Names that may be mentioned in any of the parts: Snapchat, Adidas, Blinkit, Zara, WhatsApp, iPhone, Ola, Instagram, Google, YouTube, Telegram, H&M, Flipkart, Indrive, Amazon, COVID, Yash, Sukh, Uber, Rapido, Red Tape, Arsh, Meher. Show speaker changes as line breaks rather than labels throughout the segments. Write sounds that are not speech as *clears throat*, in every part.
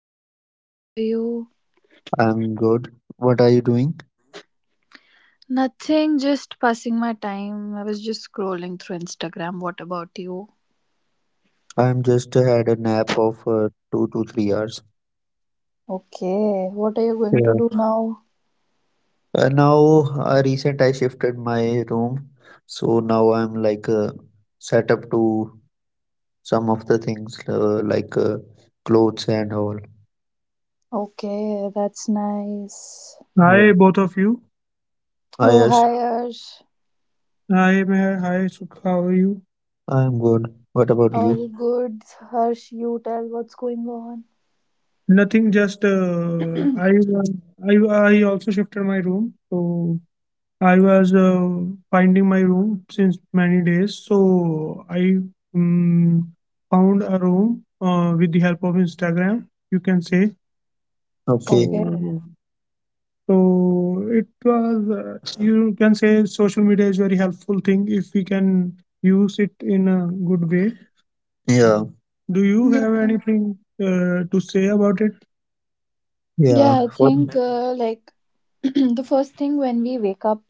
Sukh. I'm good. How are you?
I'm good. What are you doing?
Nothing, just passing my time. I was just scrolling through Instagram. What about you?
I'm just had a nap of 2 to 3 hours.
Okay, what are you going
Yeah.
to do now?
Now, recent I shifted my room, so now I'm like set up to some of the things like clothes and all.
Okay, that's nice.
Hi, yeah, both of you. Hi
Oh,
Yash,
hi, Harsh.
hi, Meher. Hi, Sukh. How are you? I'm good. What about
All
you?
good. Harsh, you tell what's going on.
Nothing. Just I also shifted my room. So I was finding my room since many days, so I mm, found a room with the help of Instagram, you can say. Okay.
Okay.
So, so it was, you can say social media is very helpful thing if we can use it in a good way. Yeah. Do you have anything to say about it? Yeah.
Yeah, I
For
think like *clears throat* the first thing when we wake up,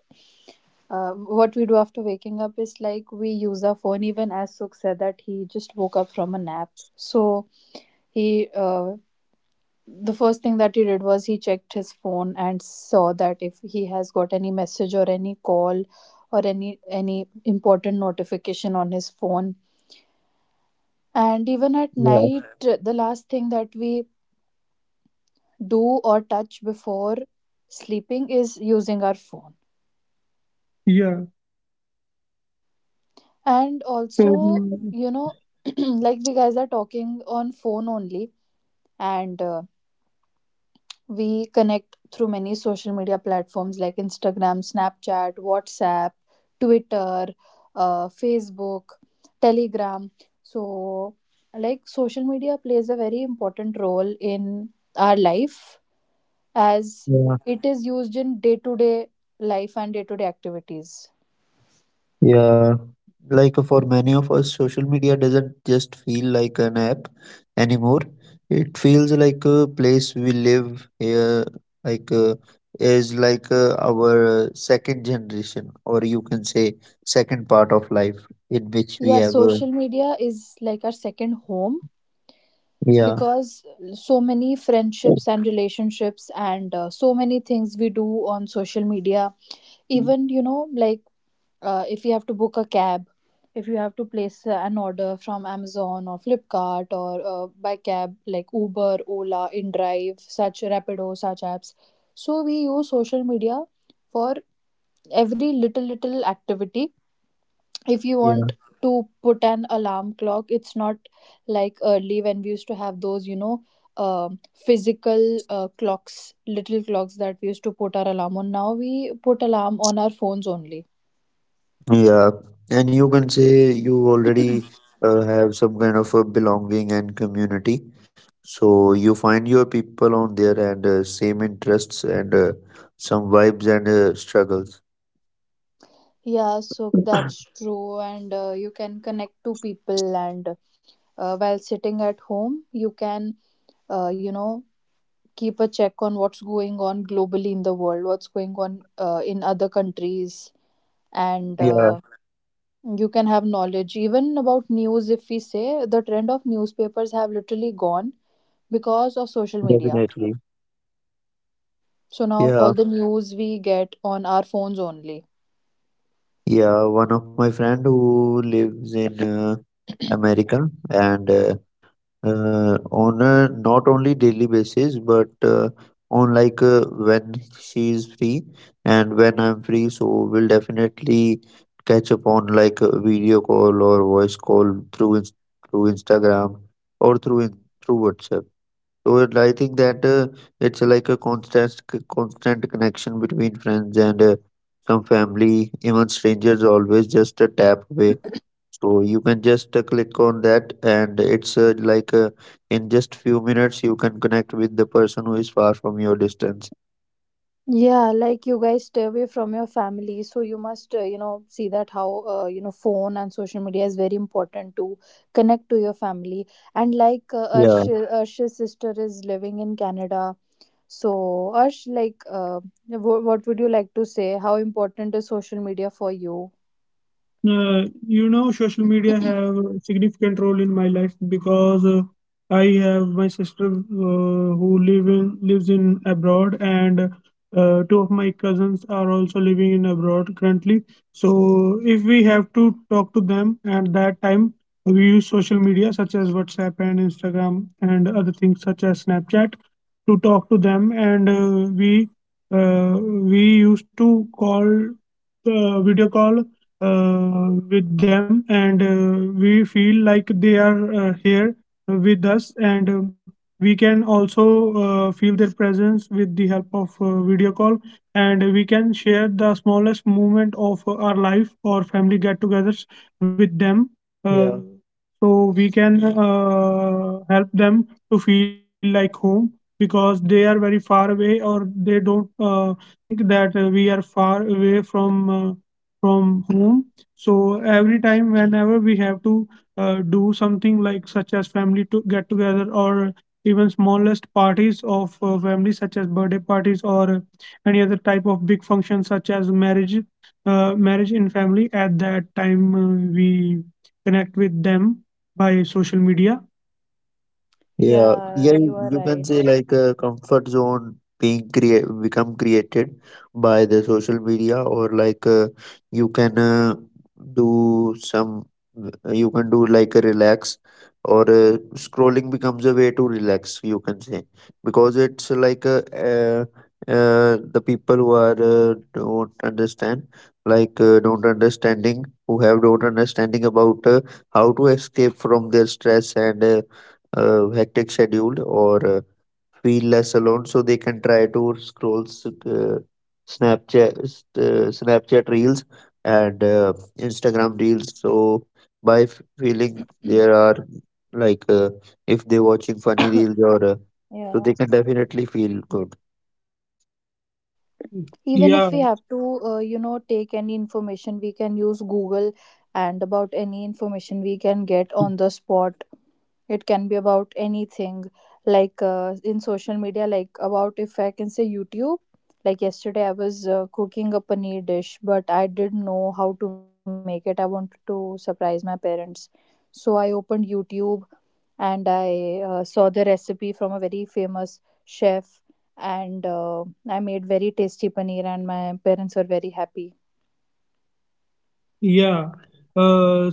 what we do after waking up is like we use our phone. Even as Sukh said that he just woke up from a nap, so he the first thing that he did was he checked his phone and saw that if he has got any message or any call or any important notification on his phone. And even at
yeah.
night, the last thing that we do or touch before sleeping is using our phone.
Yeah.
And
So,
also,
mm,
you know, *clears throat* like we guys are talking on phone only, and we connect through many social media platforms like Instagram, Snapchat, WhatsApp, Twitter, Facebook, Telegram. So, like, social media plays a very important role in our life as
Yeah.
it is used in day to day life and day to day activities.
Yeah, like for many of us, social media doesn't just feel like an app anymore. It feels like a place we live here, like is like our second generation, or you can say second part of life in which we
Yeah,
have.
social media is like our second home
Yeah,
because so many friendships and relationships and so many things we do on social media. Even, you know, like if you have to book a cab, if you have to place an order from Amazon or Flipkart, or by cab like Uber, Ola, InDrive, such Rapido such apps, so we use social media for every little little activity. If you want
yeah.
to put an alarm clock, it's not like early when we used to have those um physical clocks, little clocks that we used to put our alarm on. Now we put alarm on our phones only.
Yeah, and you can say you already have some kind of a belonging and community. So you find your people on there and same interests and some vibes and struggles.
Yeah, so that's
*clears throat*
true, and you can connect to people, and while sitting at home, you can, uh, you know, keep a check on what's going on globally in the world, what's going on in other countries, and
Yeah,
you can have knowledge even about news. If we say, the trend of newspapers have literally gone because of social media,
definitely.
so now all
Yeah,
the news we get on our phones only.
yeah. One of my friend who lives in America and uh, on a not only daily basis but on like when she is free and when I'm free so we'll definitely catch up on like a video call or voice call through Instagram or through in- through WhatsApp so it, I think that it's like a constant connection between friends and some family, even strangers, always just a tap away, so you can just click on that, and it's like in just few minutes you can connect with the person who is far from your distance.
Yeah, like you guys stay away from your family, so you must, see that how, phone and social media is very important to connect to your family. And like Arsh,
Yeah.
Arsh's sister is living in Canada. So, Arsh, like, what would you like to say? How important is social media for you?
You know, social media have a significant role in my life because I have my sister who lives in abroad, and two of my cousins are also living in abroad currently. So if we have to talk to them at that time, we use social media such as WhatsApp and Instagram and other things such as Snapchat to talk to them, and we used to call video call with them and we feel like they are here with us and we can also feel their presence with the help of video call and we can share the smallest moment of our life or family get-togethers with them. Uh, yeah, so we can help them to feel like home because they are very far away or they don't think that we are far away from home. So every time, whenever we have to do something like such as family to get together or even smallest parties of family, such as birthday parties or any other type of big function, such as marriage, marriage in family. At that time, we connect with them by social media. Yeah, yeah,
Yeah, you are
you can say
right.
like a comfort zone being create become created by the social media, or like you can do some, you can do like a relax, or scrolling becomes a way to relax. You can say, because it's like the people who are don't understand, like don't understanding, who have don't understanding about how to escape from their stress and. Hectic schedule or feel less alone, so they can try to scroll snapchat snapchat reels and instagram reels. So by feeling there are like if they're watching funny
*coughs*
reels or
Yeah.
so they can definitely feel good.
Even
Yeah,
if we have to, take any information, we can use Google, and about any information we can get on the spot. It can be about anything. Like in social media, like about if I can say YouTube, like yesterday I was cooking a paneer dish, but I didn't know how to make it. I wanted to surprise my parents, so I opened YouTube, and I saw the recipe from a very famous chef, and I made very tasty paneer, and my parents were very happy.
yeah. Uh,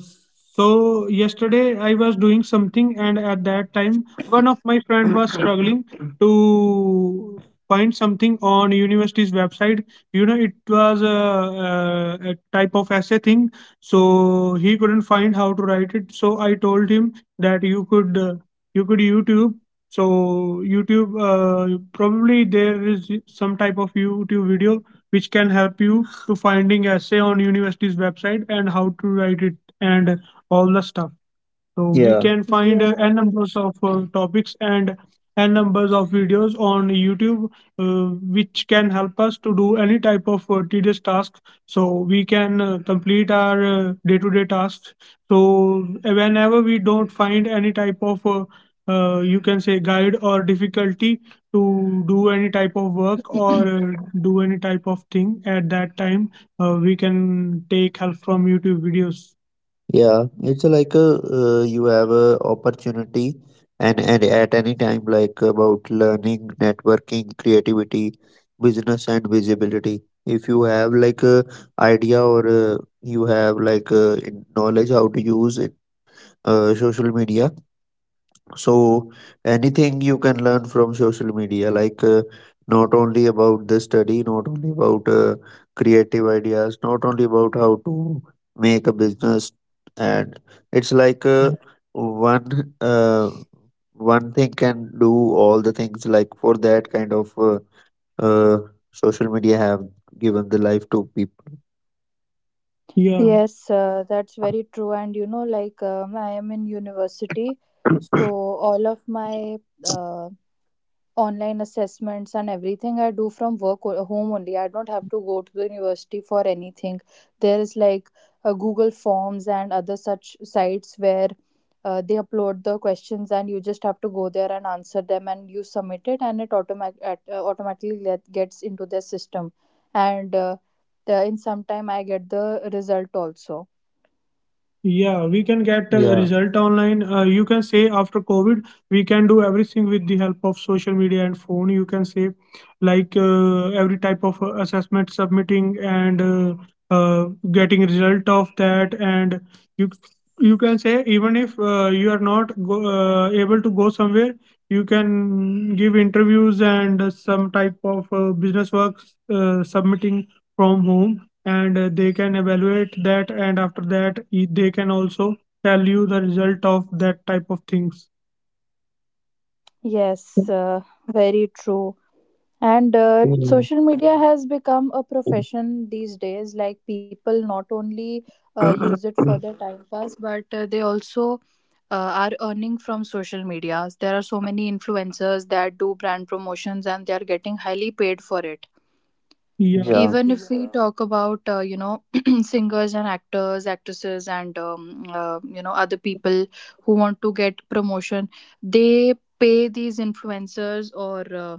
so yesterday I was doing something, and at that time, one of my friend was struggling to find something on university's website. You know, it was a type of essay thing, so he couldn't find how to write it. So I told him that you could YouTube. So YouTube, probably there is some type of YouTube video which can help you to finding essay on university's website and how to write it and all the stuff, so we, yeah, can find n numbers of topics and n numbers of videos on YouTube, uh, which can help us to do any type of tedious task. So we can complete our day-to-day tasks. So whenever we don't find any type of you can say guide or difficulty to do any type of work or do any type of thing at that time, we can take help from YouTube videos. Yeah, it's like a, you have a opportunity and at any time like about learning, networking, creativity, business and visibility. If you have like a idea or you have like knowledge how to use it, social media, so, anything you can learn from social media, like not only about the study, not only about creative ideas, not only about how to make a business, and it's like one uh, one thing can do all the things. Like for that kind of uh, social media have given the life to people. Yeah.
Yes, that's very true. And, you know, like I am in university, so all of my uh, online assessments and everything I do from work or home only. I don't have to go to the university for anything. There is like Google Forms and other such sites where they upload the questions, and you just have to go there and answer them, and you submit it, and it automatically gets into their system. And in some time I get the result also.
Yeah, we can get a, yeah, result online. You can say after COVID, we can do everything with the help of social media and phone. You can say like every type of assessment submitting and uh, getting result of that. And you you can say even if you are not able to go somewhere, you can give interviews and some type of business works submitting from home and they can evaluate that and after that they can also tell you the result of that type of things.
Yes, very true. And
Mm.
social media has become a profession these days. Like, people not only use it
*clears throat*
for their time pass, but they also are earning from social media. There are so many influencers that do brand promotions, and they are getting highly paid for it.
Yeah, yeah,
Even if we, yeah, talk about *clears throat* singers and actors, actresses, and other people who want to get promotion, they pay these influencers, or uh,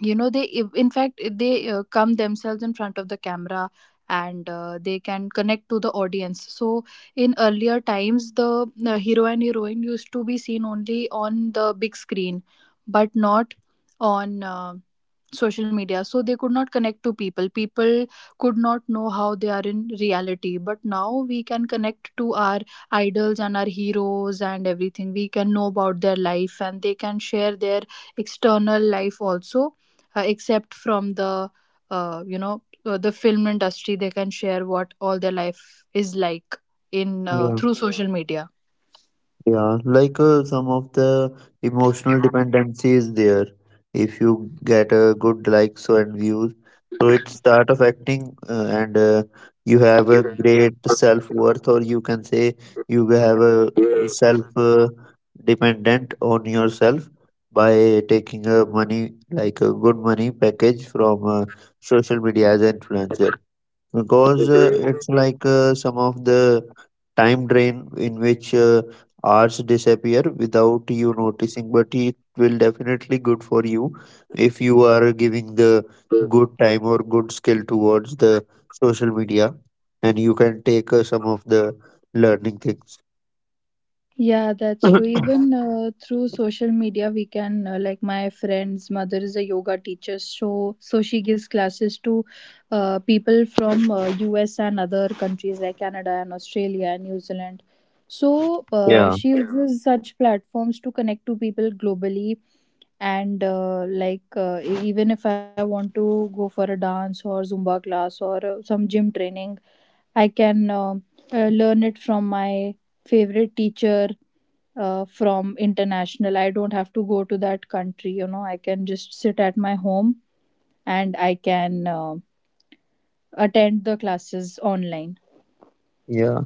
you know they, in fact, they come themselves in front of the camera, and they can connect to the audience. So in earlier times, the hero and heroine used to be seen only on the big screen, but not on social media, so they could not connect to People could not know how they are in reality, but now we can connect to our idols and our heroes, and everything we can know about their life, and they can share their external life also, except from the the film industry. They can share what all their life is like in
yeah.
through social media.
Yeah, like some of the emotional dependency is there. If you get a good likes and views, so it start affecting, and you have a great self worth, or you can say you have a self dependent on yourself by taking a money like a good money package from social media as an influencer, because it's like some of the time drain in which hours disappear without you noticing, but it will definitely good for you if you are giving the good time or good skill towards the social media, and you can take some of the learning things.
Yeah, that's true.
*coughs*
Even through social media, we can like my friend's mother is a yoga teacher, so she gives classes to people from U.S. and other countries like Canada and Australia and New Zealand. So
Yeah.
she, yeah, uses such platforms to connect to people globally, and like even if I want to go for a dance or Zumba class or some gym training, I can learn it from my favorite teacher from international. I don't have to go to that country. You know, I can just sit at my home and I can attend the classes online.
Yeah,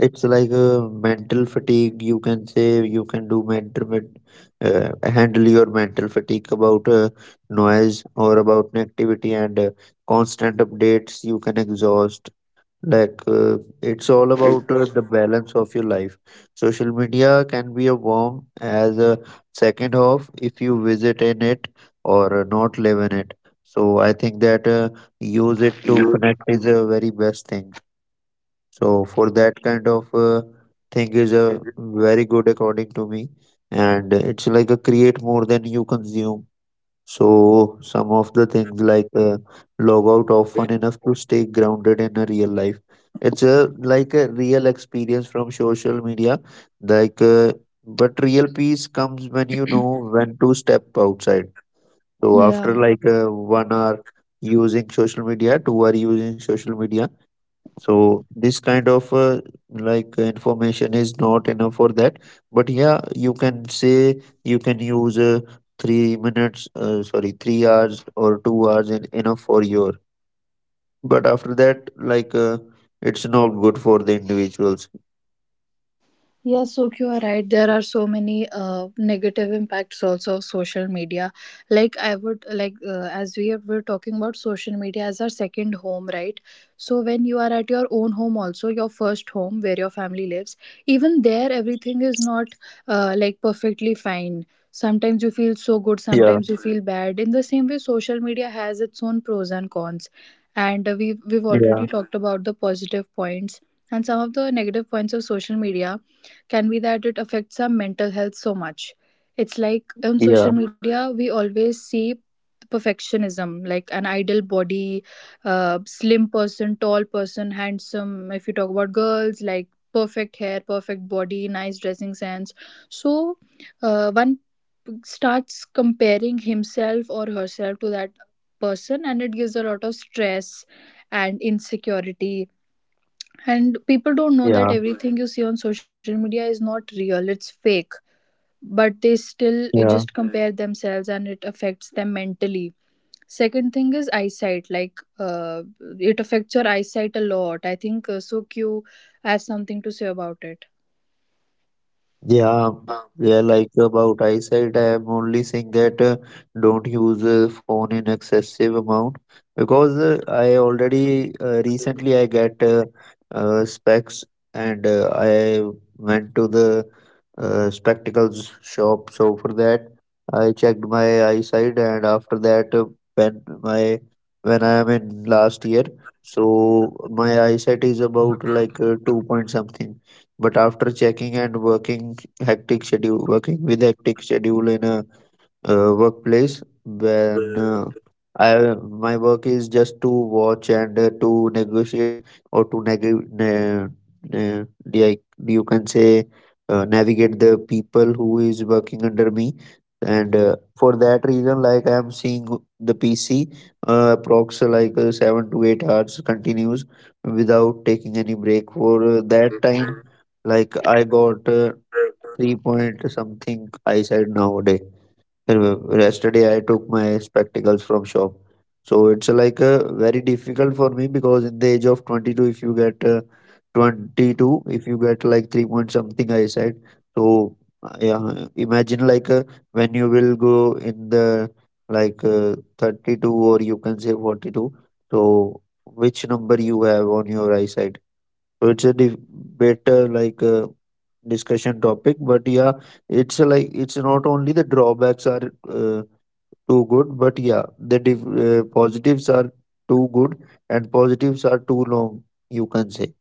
it's like a mental fatigue. You can say you can handle your mental fatigue about noise or about an activity and constant updates. You can exhaust. Like it's all about the balance of your life. Social media can be a warm as a second half if you visit in it or not live in it. So I think that use it to connect is a very best thing. So for that kind of thing is a very good according to me, and it's like a create more than you consume. So some of the things like log out often enough to stay grounded in a real life. It's a like a real experience from social media, like but real peace comes when you know when to step outside. So
Yeah.
after like 1 hour using social media, 2 hour using social media, so this kind of information is not enough for that. But yeah, you can say you can use 3 hours or 2 hours in, enough for your. But after that, like it's not good for the individuals.
Yes, so you are right. There are so many negative impacts also of social media. Like, I would like, as we were talking about social media as our second home, right? So when you are at your own home, also your first home where your family lives, even there everything is not like perfectly fine. Sometimes you feel so
Yeah,
good, sometimes you feel bad. In the same way, social media has its own pros and cons, and we've
yeah,
already talked about the positive points, and some of the negative points of social media can be that it affects our mental health so much. It's like, on
yeah,
social media we always see perfectionism, like an ideal body, slim person, tall person, handsome. If you talk about girls, like perfect hair, perfect body, nice dressing sense. So, one starts comparing himself or herself to that person, and it gives a lot of stress and insecurity. And people don't know that
yeah,
everything you see on social media is not real, it's fake, but they still
yeah.
just compare themselves, and it affects them mentally. Second thing is eyesight. Like it affects your eyesight a lot. I think, so Q has something to say about it.
Yeah, yeah, like about eyesight, I am only saying that don't use phone in excessive amount because I already recently I get specs and I went to the spectacles shop. So for that, I checked my eyesight, and after that, when my when I am in last year, so my eyesight is about 2 point something. But after checking and working with hectic schedule in a workplace when I my work is just to watch and to negotiate or to ne- like you can say, navigate the people who is working under me. And for that reason, like I am seeing the PC approx 7 to 8 hours continues without taking any break for that time, like I got 3 point something eyesight nowadays. Yesterday I took my spectacles from shop. So it's very difficult for me because in the age of 22 if you get 22 if you get like 3 point something, I said. So yeah, imagine when you will go in the 32, or you can say 42, so which number you have on your eyesight. So it's a better discussion topic. But yeah, it's a like, it's not only the drawbacks are too good, but yeah, the positives are too good, and positives are too long, you can say.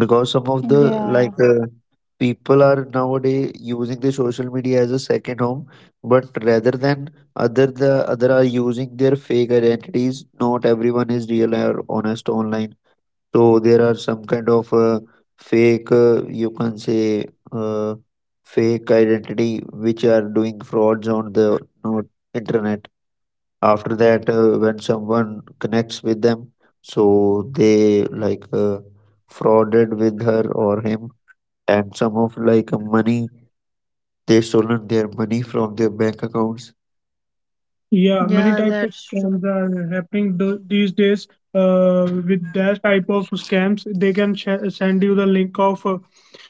Because some of the
Yeah.
people are nowadays using the social media as a second home, but rather than other the other are using their fake identities. Not everyone is real or honest online. So there are some kind of fake, you can say, uh, fake identity which are doing frauds on the uh, internet. After that, when someone connects with them, so they frauded with her or him, and some of like money, they stolen their money from their bank accounts. Yeah, many
Yeah,
types of
that's true.
scams are happening these days. With that type of scams, they can send you the link of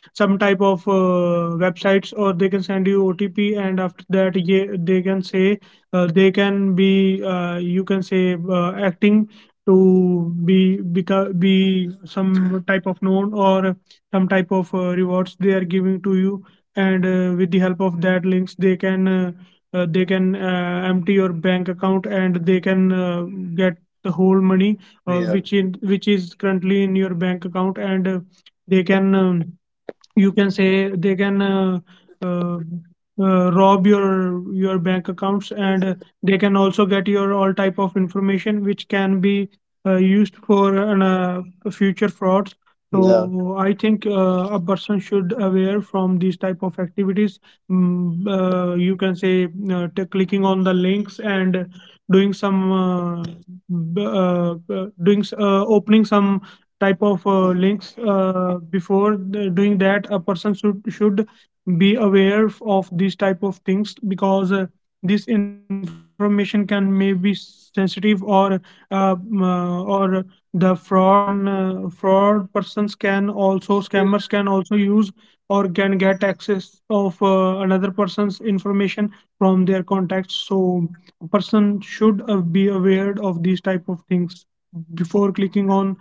some type of websites, or they can send you OTP, and after that, yeah, they can say they can be you can say acting to be be some type of known, or some type of rewards they are giving to you, and with the help of that links, they can empty your bank account, and they can get the whole money yeah, which is currently in your bank account. And they can you can say they can uh, rob your bank accounts. And they can also get your all type of information which can be used for an, future frauds. Yeah, so I think a person should aware from these type of activities. Mm, you can say clicking on the links and doing some b- uh, doing opening some type of links before doing that, a person should be aware of these type of things. Because this information can may be sensitive, or or the fraud persons can also, scammers can also use, or can get access of another person's information from their contacts. So a person should be aware of these type of things before clicking on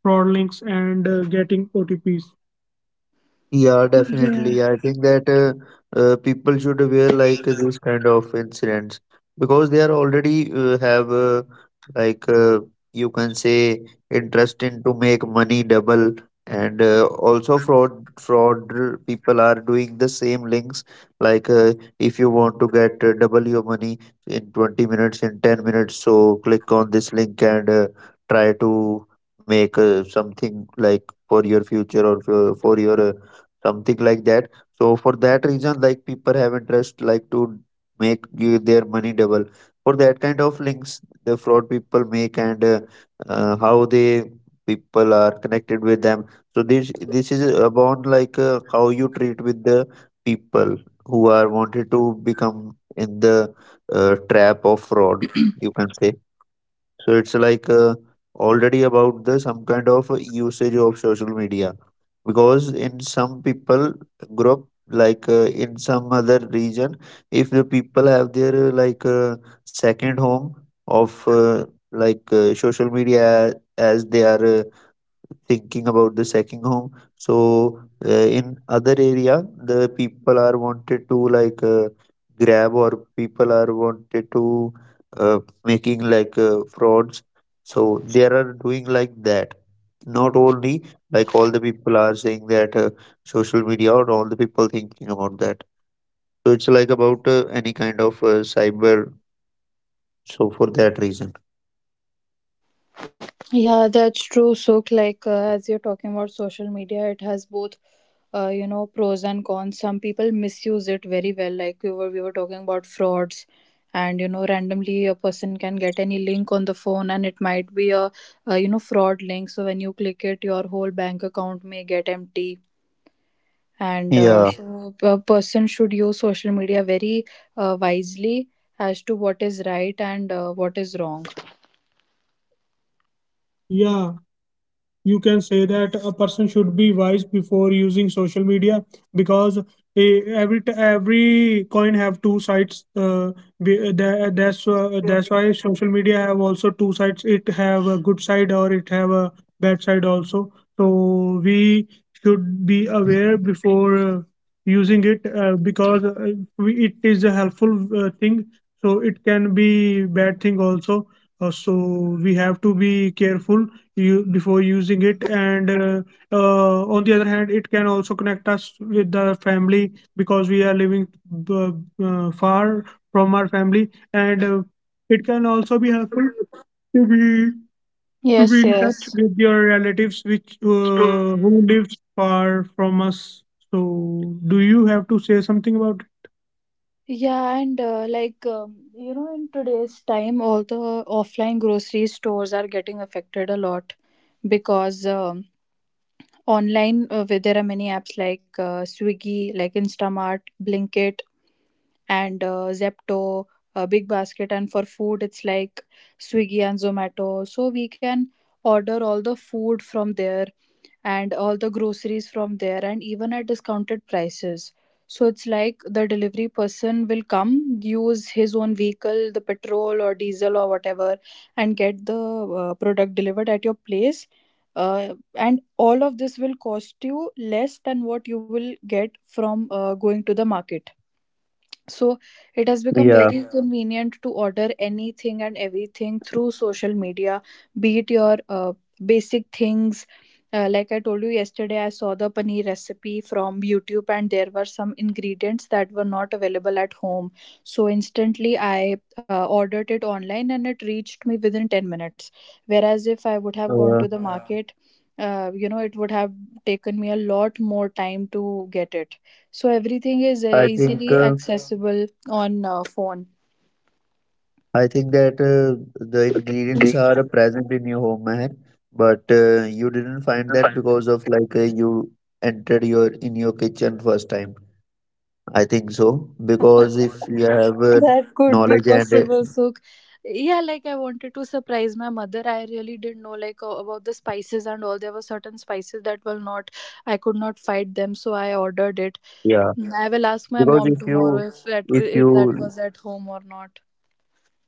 fraud links and getting OTPs. Yeah, definitely.
Yeah.
I think that people should wear like this kind of incidents because they are already have like uh, you can say interest in to make money double. And also fraud people are doing the same links, like uh, if you want to get double your money in 20 minutes, in 10 minutes, so click on this link and try to make something like for your future or for your something like that. So for that reason, like people have interest like to their money double, for that kind of links the fraud people make. And how they people are connected with them. So this is about how you treat with the people who are wanted to become in the trap of fraud, you can say. So it's already about the some kind of usage of social media. Because in some people group, in some other region, if the people have their second home of social media, as they are thinking about the second home. So in other area, the people are wanted to grab, or people are wanted to uh, making frauds. So they are doing like that, not only like all the people are saying that social media, or all the people thinking about that. So it's like about any kind of cyber. So for that reason,
Yeah, that's true. So, like, as you're talking about social media, it has both pros and cons. Some people misuse it very well. Like we were talking about frauds, and, you know, randomly a person can get any link on the phone, and it might be a fraud link, so when you click it your whole bank account may get empty. And
yeah.
so a person should use social media very, wisely, as to what is right and what is wrong.
Yeah, you can say that a person should be wise before using social media, because eh, every every coin have two sides. That's that's why social media have also two sides. It have a good side, or it have a bad side also. So we should be aware before using it. Because we, it is a helpful thing, so it can be bad thing also. So we have to be careful you before using it. And on the other hand, it can also connect us with the family because we are living b- far from our family. And it can also be helpful to be, to
Yes,
be in touch
yes.
with your relatives which who lives far from us. So do you have to say something about it?
Yeah, and like you know, in today's time, all the offline grocery stores are getting affected a lot because online, where there are many apps like Swiggy, like Instamart, Blinkit, and Zepto, Big Basket, and for food it's like Swiggy and Zomato. So we can order all the food from there, and all the groceries from there, and even at discounted prices. So it's like the delivery person will come, use his own vehicle, the petrol or diesel or whatever, and get the product delivered at your place. And all of this will cost you less than what you will get from going to the market. So it has become
Yeah,
very, yeah, convenient to order anything and everything through social media, be it your basic things. Like I told you yesterday, I saw the paneer recipe from YouTube, and there were some ingredients that were not available at home. So instantly, I ordered it online, and it reached me within 10 minutes. Whereas if I would have
uh,
gone to the, yeah, market, it would have taken me a lot more time to get it. So everything is
I think uh,
easily accessible on phone.
I think that the ingredients are
*laughs*
present in your home, Meher, but you didn't find that because of you entered your kitchen first time. I think so, because if you have
That could be
knowledge and
possible. So, yeah, like I wanted to surprise my mother. I really didn't know like about the spices and all. There were certain spices that will not, I could not fight them, so I ordered it.
yeah.
I will ask my
Because
mom tomorrow
if
if that
you,
was at home or not.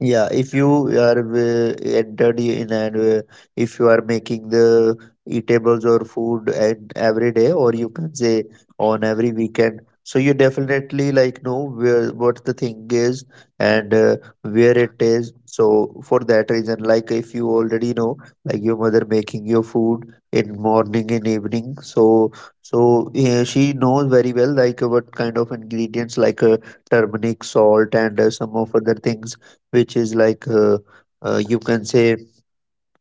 yeah, if you are entered in, and if you are making the eatables or food, and every day, or you can say on every weekend, so you definitely like know where what the thing is, and where it is. So for that reason, like if you already know, like your mother making your food in morning and evening, so she knows very well like what kind of ingredients, turmeric, salt, and some of other things which is you can say,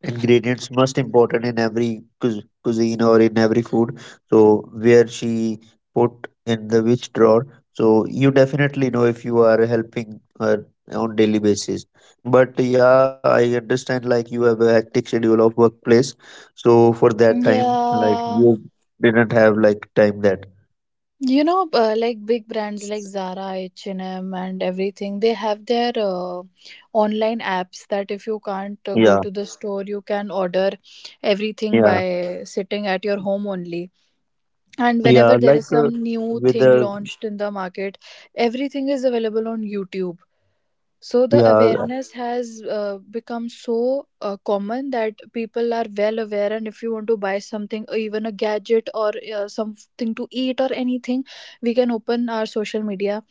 ingredients most important in every cuisine or in every food. So where she put in the which drawer, so you definitely know if you are helping her on daily basis. But yeah, I understand like you have a hectic schedule of workplace, so for that time like
Yeah.
you didn't have like time that.
You know, like big brands like Zara, H&M, and M, and everything, they have their online apps, that if you can't
Yeah,
go to the store, you can order everything
yeah,
by sitting at your home only. And whenever
yeah,
there is some new
with
thing
the,
launched in the market, everything is available on YouTube. So the
yeah.
awareness has become so common, that people are well aware, and if you want to buy something, or even a gadget or something to eat or anything, we can open our social media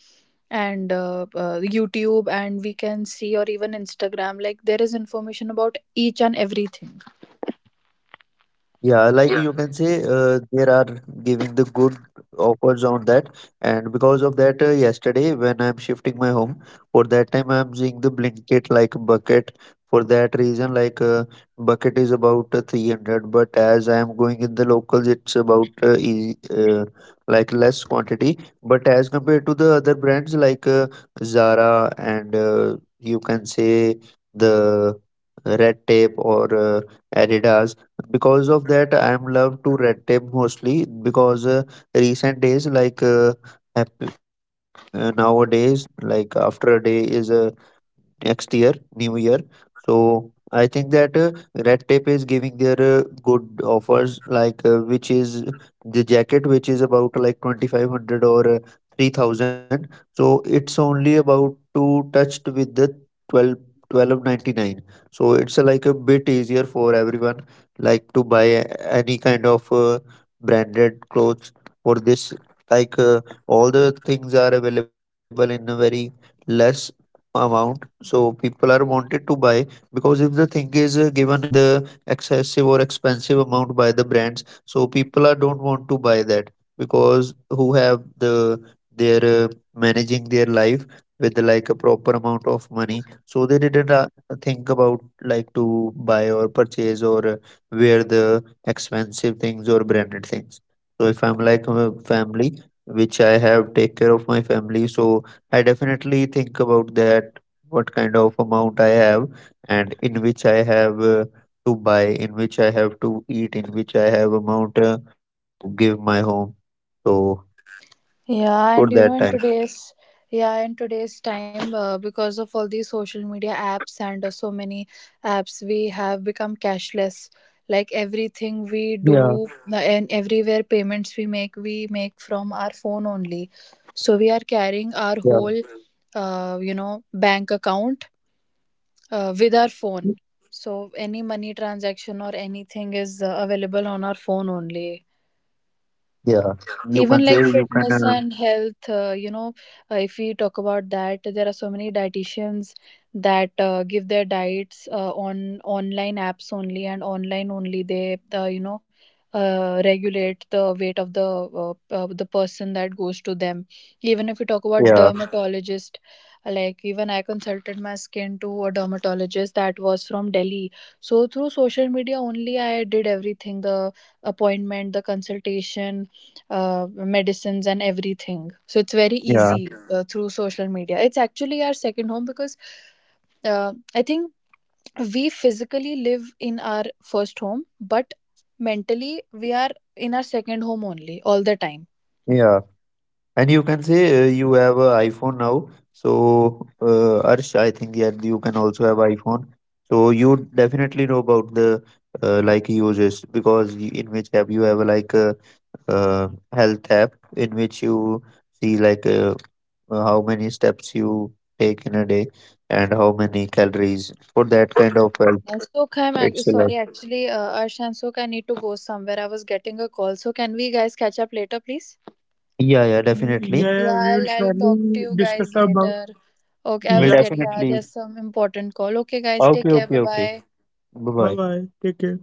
and YouTube, and we can see, or even Instagram. Like, there is information about each and everything.
Yeah, like
Yeah.
you can say, there are giving the good offers on that. And because of that, yesterday when I'm shifting my home, for that time I'm using the Blinkit like bucket. For that reason, bucket is about 300, but as I am going in the locals, it's about easy, less quantity. But as compared to the other brands, Zara, and you can say, the Red Tape, or Adidas. Because of that, I'm love to Red Tape mostly, because recent days, nowadays, like after a day is next year new year. So I think that Red Tape is giving their good offers, which is the jacket which is about like 2500 or 3000, so it's only about to touched with the 12 1299. So it's like a bit easier for everyone like to buy any kind of branded clothes. For this, like uh, all the things are available in a very less amount, so people are wanted to buy. Because if the thing is given in the excessive or expensive amount by the brands, so people are don't want to buy that, because who have the their managing their life with the, like a proper amount of money, so they didn't think about like to buy or purchase, or wear the expensive things or branded things. So if I'm like a family, which I have take care of my family, so I definitely think about that, what kind of amount I have, and in which I have to buy, in which I have to eat, in which I have amount to give my home. So
Yeah, and you
for
know, in
that time,
today's, yeah, in today's time, because of all these social media apps and so many apps, we have become cashless. Like everything we
yeah,
do, and everywhere payments we make from our phone only. So we are carrying our
yeah,
whole, bank account with our phone. So any money transaction or anything is available on our phone only,
yeah, you
even
can
like
say you can,
fitness and health. If we talk about that, there are so many dietitians that give their diets on online apps only, and online only they regulate the weight of the person that goes to them. Even if we talk about
yeah,
dermatologist, like even I consulted my skin to a dermatologist that was from Delhi. So through social media only I did everything, the appointment, the consultation, medicines, and everything. So it's very
yeah,
easy through social media. It's actually our second home because, I think, we physically live in our first home, but mentally we are in our second home only all the time.
yeah. And you can say you have a iPhone now. So Arsh, I think yeah, you can also have iPhone. So you definitely know about the uses, because in which app you have like. Health app in which you see how many steps you take in a day, and how many calories for that kind of health.
So,
It's a lot.
sorry, actually, Arsh and Sukh, I need to go somewhere. I was getting a call. So, can we guys catch up later, please?
Yeah, yeah, definitely. Yeah,
Yeah,
yeah, we will
I'll talk to
surely
you
discuss
guys
about.
later. Okay, I
We'll
was
Yeah,
getting, yeah,
definitely.
there's some important call. Okay, guys, take
Okay,
care. Bye,
okay, okay.
bye.
Bye bye, bye bye. Take care.